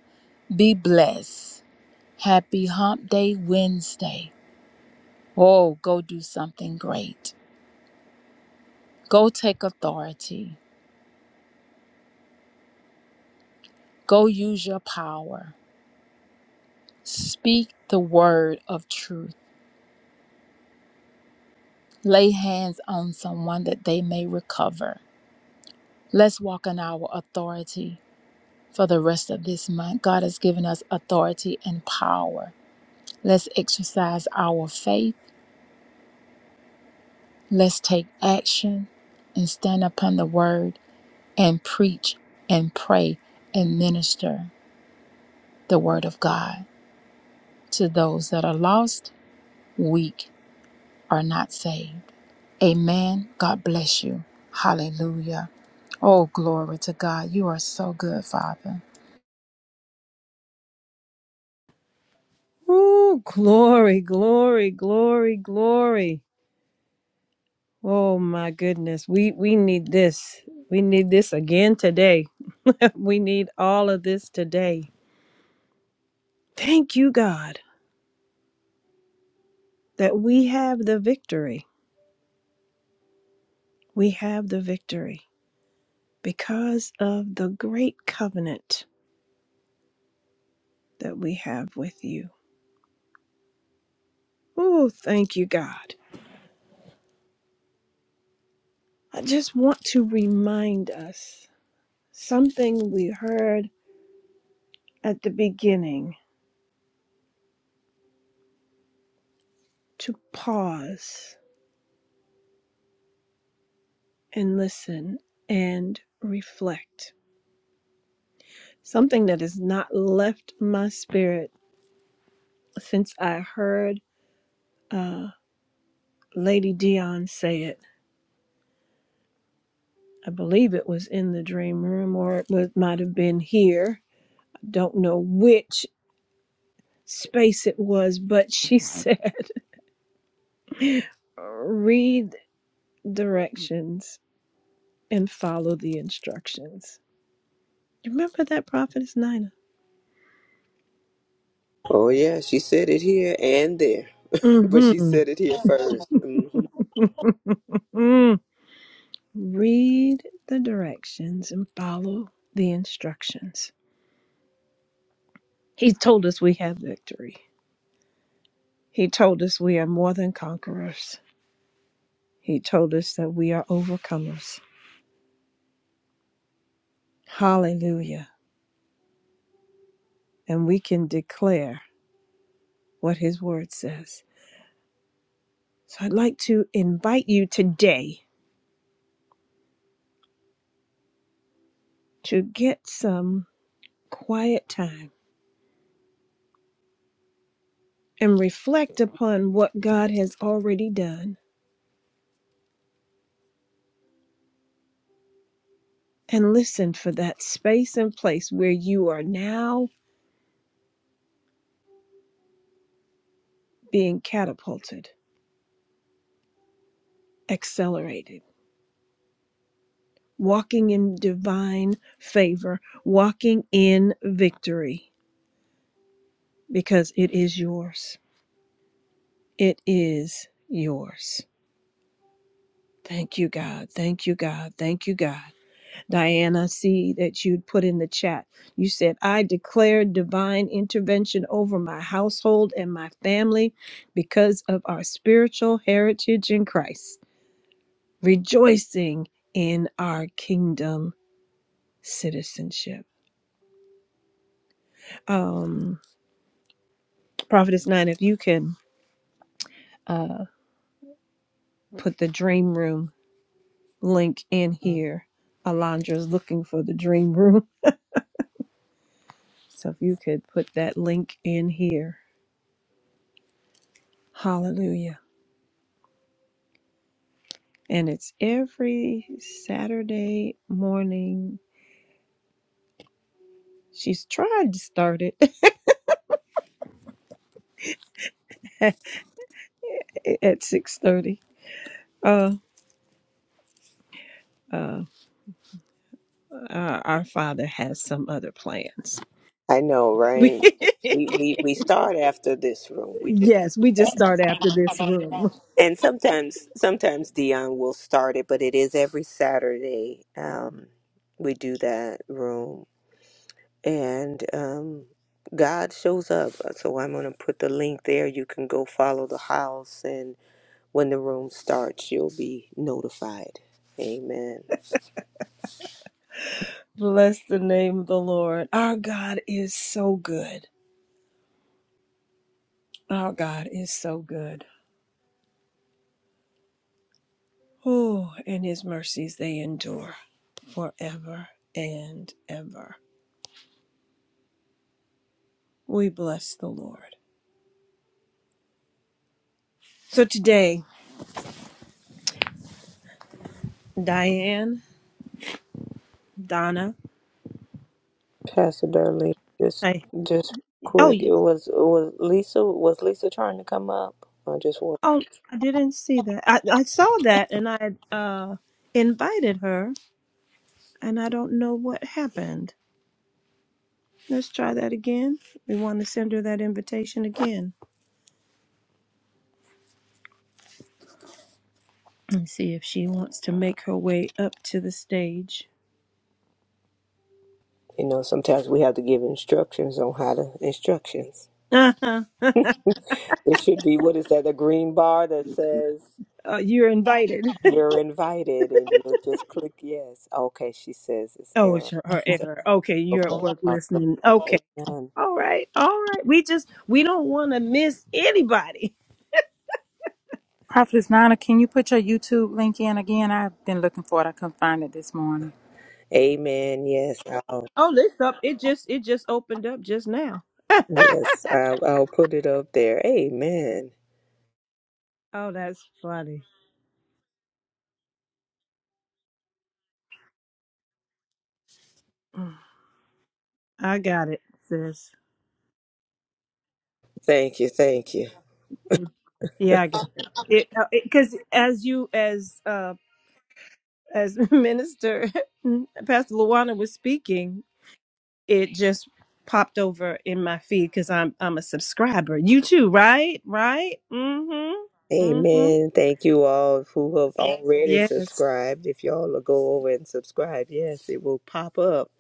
be blessed. Happy Hump Day Wednesday. Oh, go do something great. Go take authority. Go use your power. Speak the word of truth. Lay hands on someone that they may recover Let's walk in our authority for the rest of this month. God has given us authority and power. Let's exercise our faith. Let's take action and stand upon the word and preach and pray and minister the word of God to those that are lost, weak, or not saved. Amen. God bless you. Hallelujah. Oh, glory to God. You are so good, Father. Ooh, glory, glory, glory, glory. Oh my goodness. We we need this. We need this again today. we need all of this today. Thank you, God, that we have the victory. We have the victory. because of the great covenant that we have with you. Oh, thank you, God. I just want to remind us something we heard at the beginning to pause and listen and reflect. Something that has not left my spirit since I heard uh, Lady Dion say it. I believe it was in the dream room or it was, might have been here. I don't know which, space it was, but she said, read directions and follow the instructions. You Remember that prophetess Nina? Oh yeah, she said it here and there, but she Mm-hmm. said it here 1st Mm-hmm. read the directions and follow the instructions. He told us we have victory. He told us we are more than conquerors. He told us that we are overcomers. Hallelujah. And we can declare what his word says. So I'd like to invite you today to get some quiet time and reflect upon what God has already done and listen for that space and place where you are now being catapulted, accelerated, walking in divine favor, walking in victory because it is yours. It is yours. Thank you, God. Thank you, God. Thank you, God. Diana, see that you'd put in the chat. You said, I declare divine intervention over my household and my family because of our spiritual heritage in Christ, rejoicing in our kingdom citizenship. Um, Prophetess Nine, if you can uh, put the dream room link in here. Alondra's looking for the dream room. So if you could put that link in here. Hallelujah. and it's every Saturday morning. She's tried to start it at six thirty. Uh, uh, our, our father has some other plans. I know, We- right? We, we we start after this room. We just yes, we just start after this room. and sometimes sometimes Dion will start it, but it is every Saturday. Um, we do that room and um, God shows up. So I'm going to put the link there. You can go follow the house, and when the room starts, you'll be notified. Amen. Bless the name of the Lord. Our God is so good. Our God is so good. Oh, and His mercies they endure forever and ever. We bless the Lord. So today. Diane, Donna. Pastor Darlene, just Hey, just Oh quick, yeah. it was it was Lisa was Lisa trying to come up? I just want Oh, I didn't see that. I, I saw that and I uh invited her and I don't know what happened. Let's try that again. We want to send her that invitation again and see if she wants to make her way up to the stage. you know, sometimes we have to give instructions on how to instructions. Uh-huh. It should be what is that, a green bar that says Uh, you're invited. you're invited and you'll just click yes. Okay, she says it's oh, error. it's her, her error. Okay, you're at Okay. work Awesome. listening. Okay. Amen. All right. All right. We just we don't want to miss anybody. Prophetess Nana, can you put your YouTube link in again? I've been looking for it. I couldn't find it this morning. Amen. Yes. I'll, Oh, this up. It just it just opened up just now. yes. I'll, I'll put it up there. Amen. Oh, that's funny. Mm. I got it, sis. Thank you. Thank you. Mm. Yeah, I got it. It because as you as uh as Minister Pastor Luana was speaking, it just popped over in my feed because I'm I'm a subscriber. You too, right? Right? Mm-hmm. Mm-hmm. Amen. Thank you all who have already Yes. subscribed. If y'all will go over and subscribe, yes, it will pop up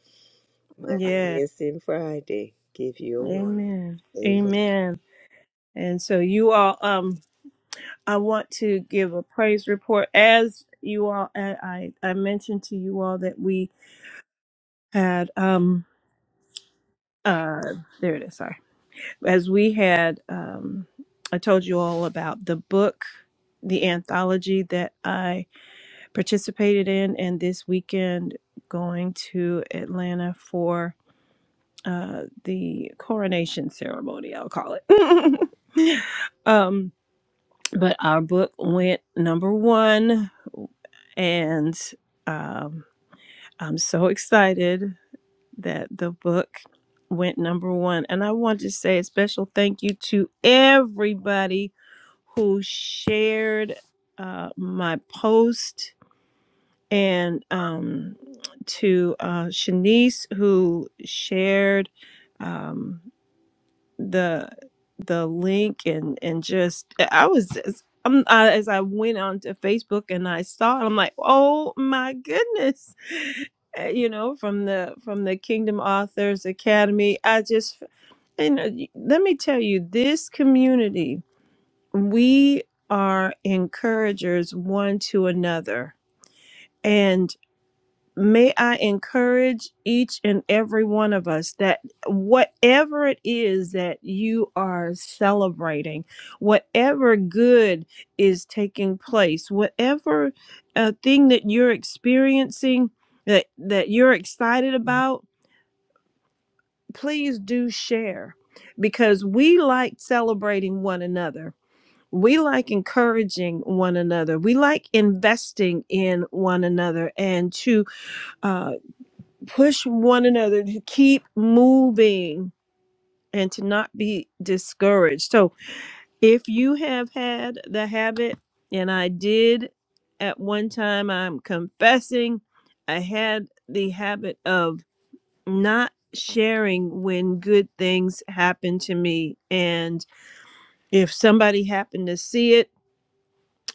Monday, Yeah. Wednesday, and Friday. Give you a word. Amen. Amen. Amen. And so you all um I want to give a praise report. As you all, I, I I mentioned to you all that we had, um, uh, there it is, sorry. As we had, um, I told you all about the book, the anthology that I participated in, and this weekend going to Atlanta for uh, the coronation ceremony, I'll call it. um, But our book went number one, and um, I'm so excited that the book went number one. And I want to say a special thank you to everybody who shared uh, my post and um, to uh, Shanice who shared. Um, the the link and and just I was just, I'm, I, as I went onto Facebook and I saw it, I'm like, oh my goodness, Uh, you know, from the from the Kingdom Authors Academy. I just and uh, y- let me tell you, this community, we are encouragers one to another, may I encourage each and every one of us that whatever it is that you are celebrating, whatever good is taking place, whatever uh, thing that you're experiencing that, that you're excited about, please do share because we like celebrating one another. We like encouraging one another. We like investing in one another and to uh, push one another to keep moving and to not be discouraged. So, if you have had the habit, and I did at one time, I'm confessing, I had the habit of not sharing when good things happened to me. And if somebody happened to see it,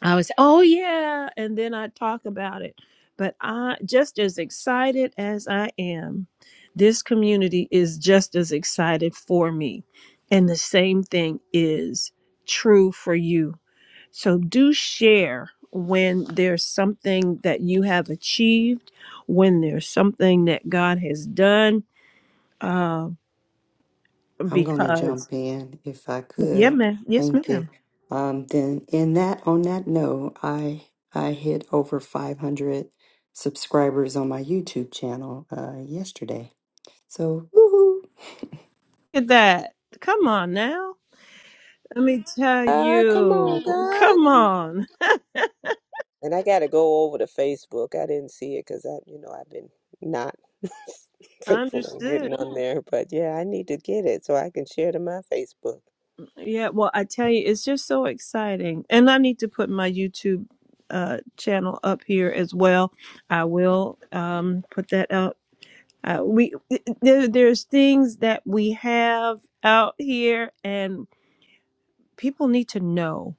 I was, oh yeah, and then I talk about it. But I just as excited as I am, this community is just as excited for me. And the same thing is true for you. So do share when there's something that you have achieved, when there's something that God has done. Uh, I'm going to because jump in if I yeah, could. man, yes, Thank you. ma'am. Um, then in that on that note, I I hit over 500 subscribers on my YouTube channel uh, yesterday. So woohoo! Look at that. Come on now. Let me tell Ah, come on, you. God. Come on. And I got to go over to Facebook. I didn't see it because I, you know, I've been not I faithful on understood. getting on there. But yeah, I need to get it so I can share to my Facebook. Yeah, well, I tell you, it's just so exciting. And I need to put my YouTube uh channel up here as well. I will um put that out. Uh, we there, there's things that we have out here and people need to know.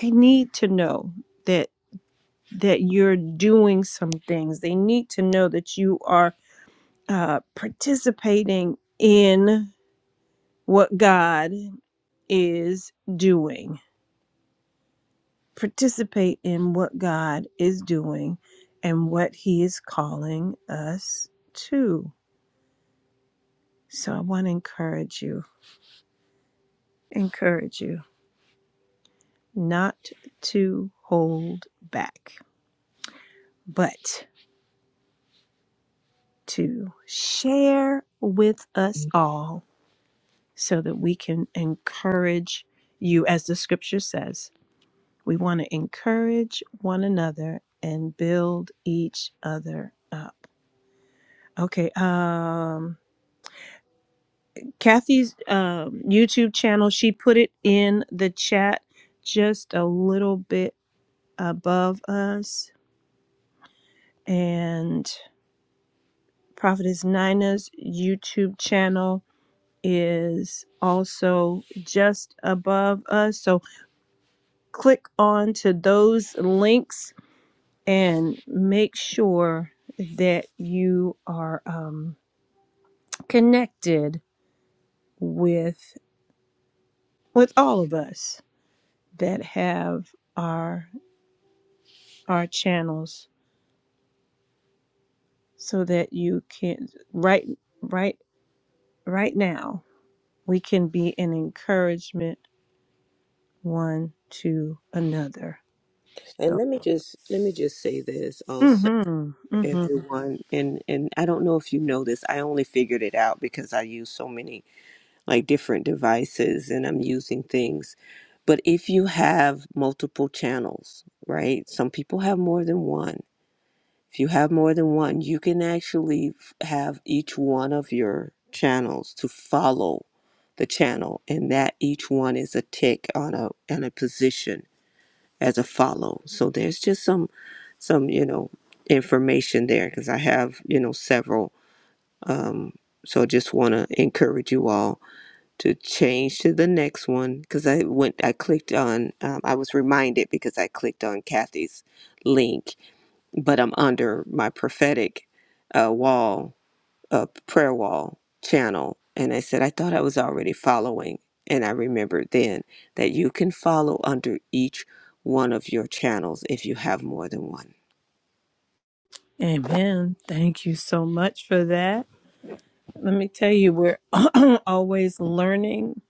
They need to know that that you're doing some things. They need to know that you are uh participating in what God is doing. Participate in what God is doing and what He is calling us to. So I want to encourage you, encourage you not to hold back, but to share with us all so that we can encourage you, as the scripture says. We want to encourage one another and build each other up. Okay. Um, Kathy's um, YouTube channel, she put it in the chat just a little bit above us. And Prophetess Nina's YouTube channel is also just above us. So click on to those links and make sure that you are um, connected with with all of us that have our our channels so that you can right right right now we can be an encouragement one to another And so let me just let me just say this also, mhm mhm everyone. And and I don't know if you know this. I only figured it out because I use so many like different devices, and I'm using things. But if you have multiple channels, right? Some people have more than one If you have more than one, you can actually have each one of your channels to follow the channel, and that each one is a tick on a and a position as a follow. So there's just some some you know information there because I have you know several. Um, so I just want to encourage you all to change to the next one because I went I clicked on um, I was reminded because I clicked on Kathy's link but I'm under my prophetic uh, wall, uh, prayer wall channel. And I said, I thought I was already following. And I remembered then that you can follow under each one of your channels if you have more than one. amen thank you so much for that let me tell you we're always learning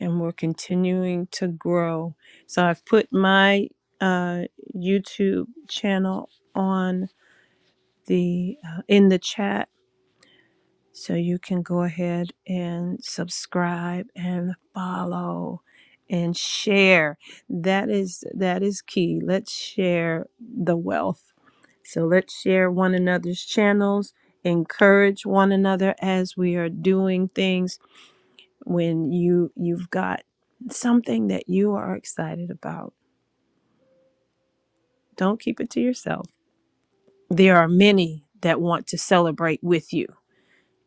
and we're continuing to grow so i've put my uh youtube channel on the uh, in the chat So you can go ahead and subscribe and follow and share. That is that is key. Let's share the wealth. So let's share one another's channels, encourage one another as we are doing things when you you've got something that you are excited about. Don't keep it to yourself. There are many that want to celebrate with you,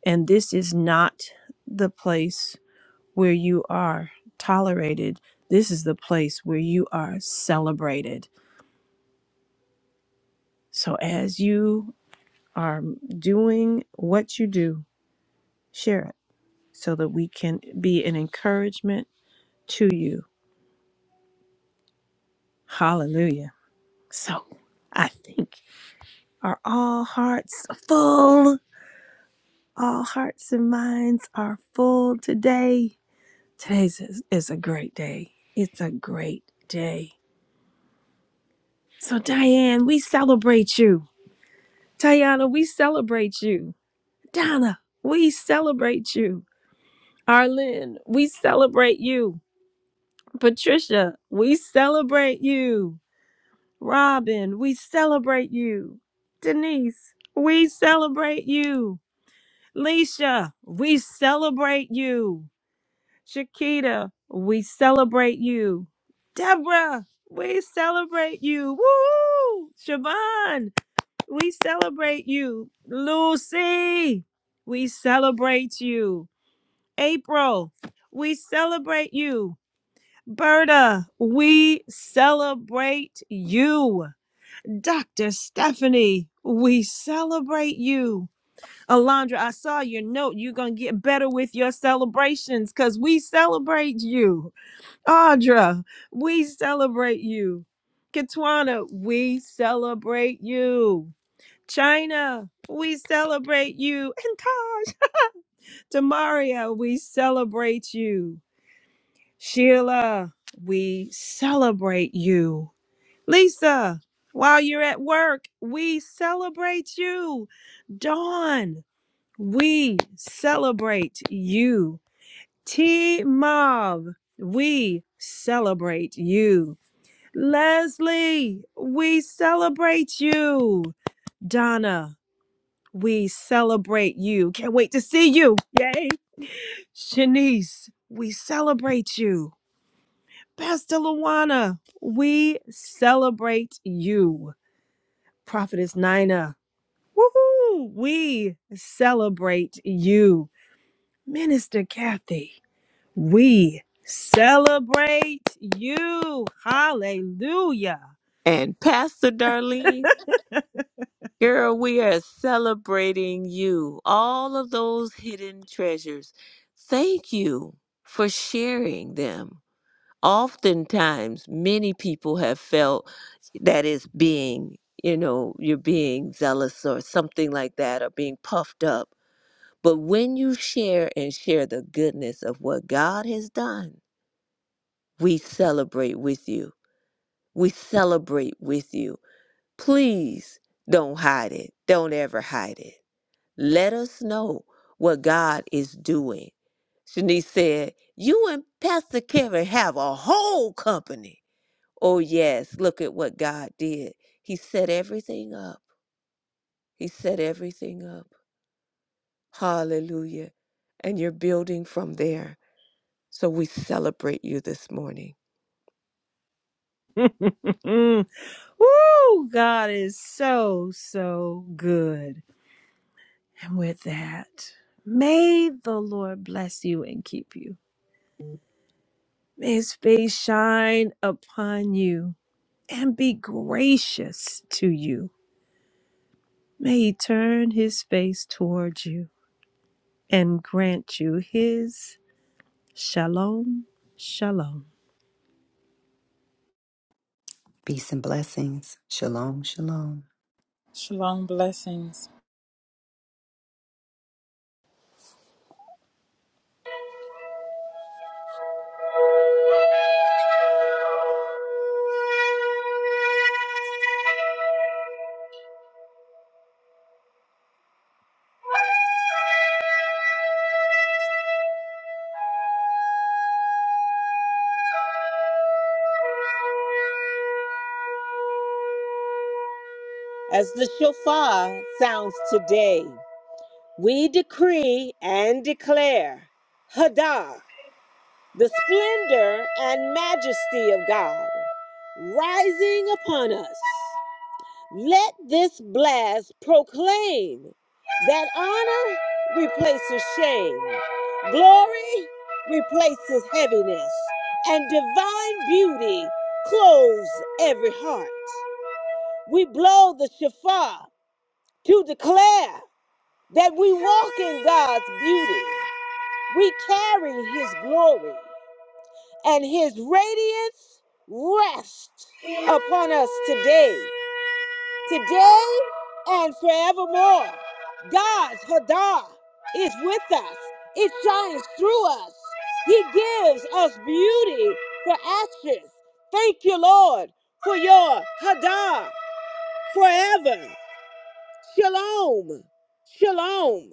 and this is not the place where you are tolerated. This is the place where you are celebrated. So as you are doing what you do, share it so that we can be an encouragement to you. Hallelujah. So I think are all hearts full? All hearts and minds are full today. Today's is, is a great day. It's a great day. So Diane, we celebrate you. Tayana, we celebrate you. Donna, we celebrate you. Arlene, we celebrate you. Patricia, we celebrate you. Robin, we celebrate you. Denise, we celebrate you. Leisha, we celebrate you. Shakita, we celebrate you. Deborah, we celebrate you. Woo! Siobhan, We celebrate you, Lucy. We celebrate you, April. We celebrate you, Berta. We celebrate you, Dr. Stephanie. We celebrate you. Alondra, I saw your note. You're going to get better with your celebrations because we celebrate you. Audra, we celebrate you. Katwana, we celebrate you. China, we celebrate you. And Taj, Demaria, we celebrate you. Sheila, we celebrate you. Lisa, while you're at work, we celebrate you. Dawn, we celebrate you. T Mauve, we celebrate you. Leslie, we celebrate you. Donna, We celebrate you. Can't wait to see you. Yay. Shanice, we celebrate you. Pastor Luana, we celebrate you. Prophetess Nina, woohoo, we celebrate you. Minister Kathy, we celebrate you. Hallelujah. And Pastor Darlene, girl, we are celebrating you, all of those hidden treasures. Thank you for sharing them. oftentimes many people have felt that it's being you know you're being zealous or something like that or being puffed up but when you share and share the goodness of what god has done we celebrate with you we celebrate with you please don't hide it don't ever hide it let us know what god is doing shanice said you and pastor kevin have a whole company Oh, yes, look at what God did. He set everything up. He set everything up. Hallelujah. And you're building from there. So we celebrate you this morning. Woo, God is so, so good. And with that, may the Lord bless you and keep you. May his face shine upon you and be gracious to you. May he turn his face towards you and grant you his shalom, shalom. Peace and blessings. Shalom, shalom. Shalom blessings. As the shofar sounds today, we decree and declare Hadar, the splendor and majesty of God, rising upon us. Let this blast proclaim that honor replaces shame, glory replaces heaviness, and divine beauty clothes every heart. We blow the shofar to declare that we walk in God's beauty. We carry His glory, and His radiance rests upon us today. today and forevermore. God's Hadah is with us. It shines through us. He gives us beauty for ashes. Thank you, Lord, for your Hadah forever. Shalom. Shalom.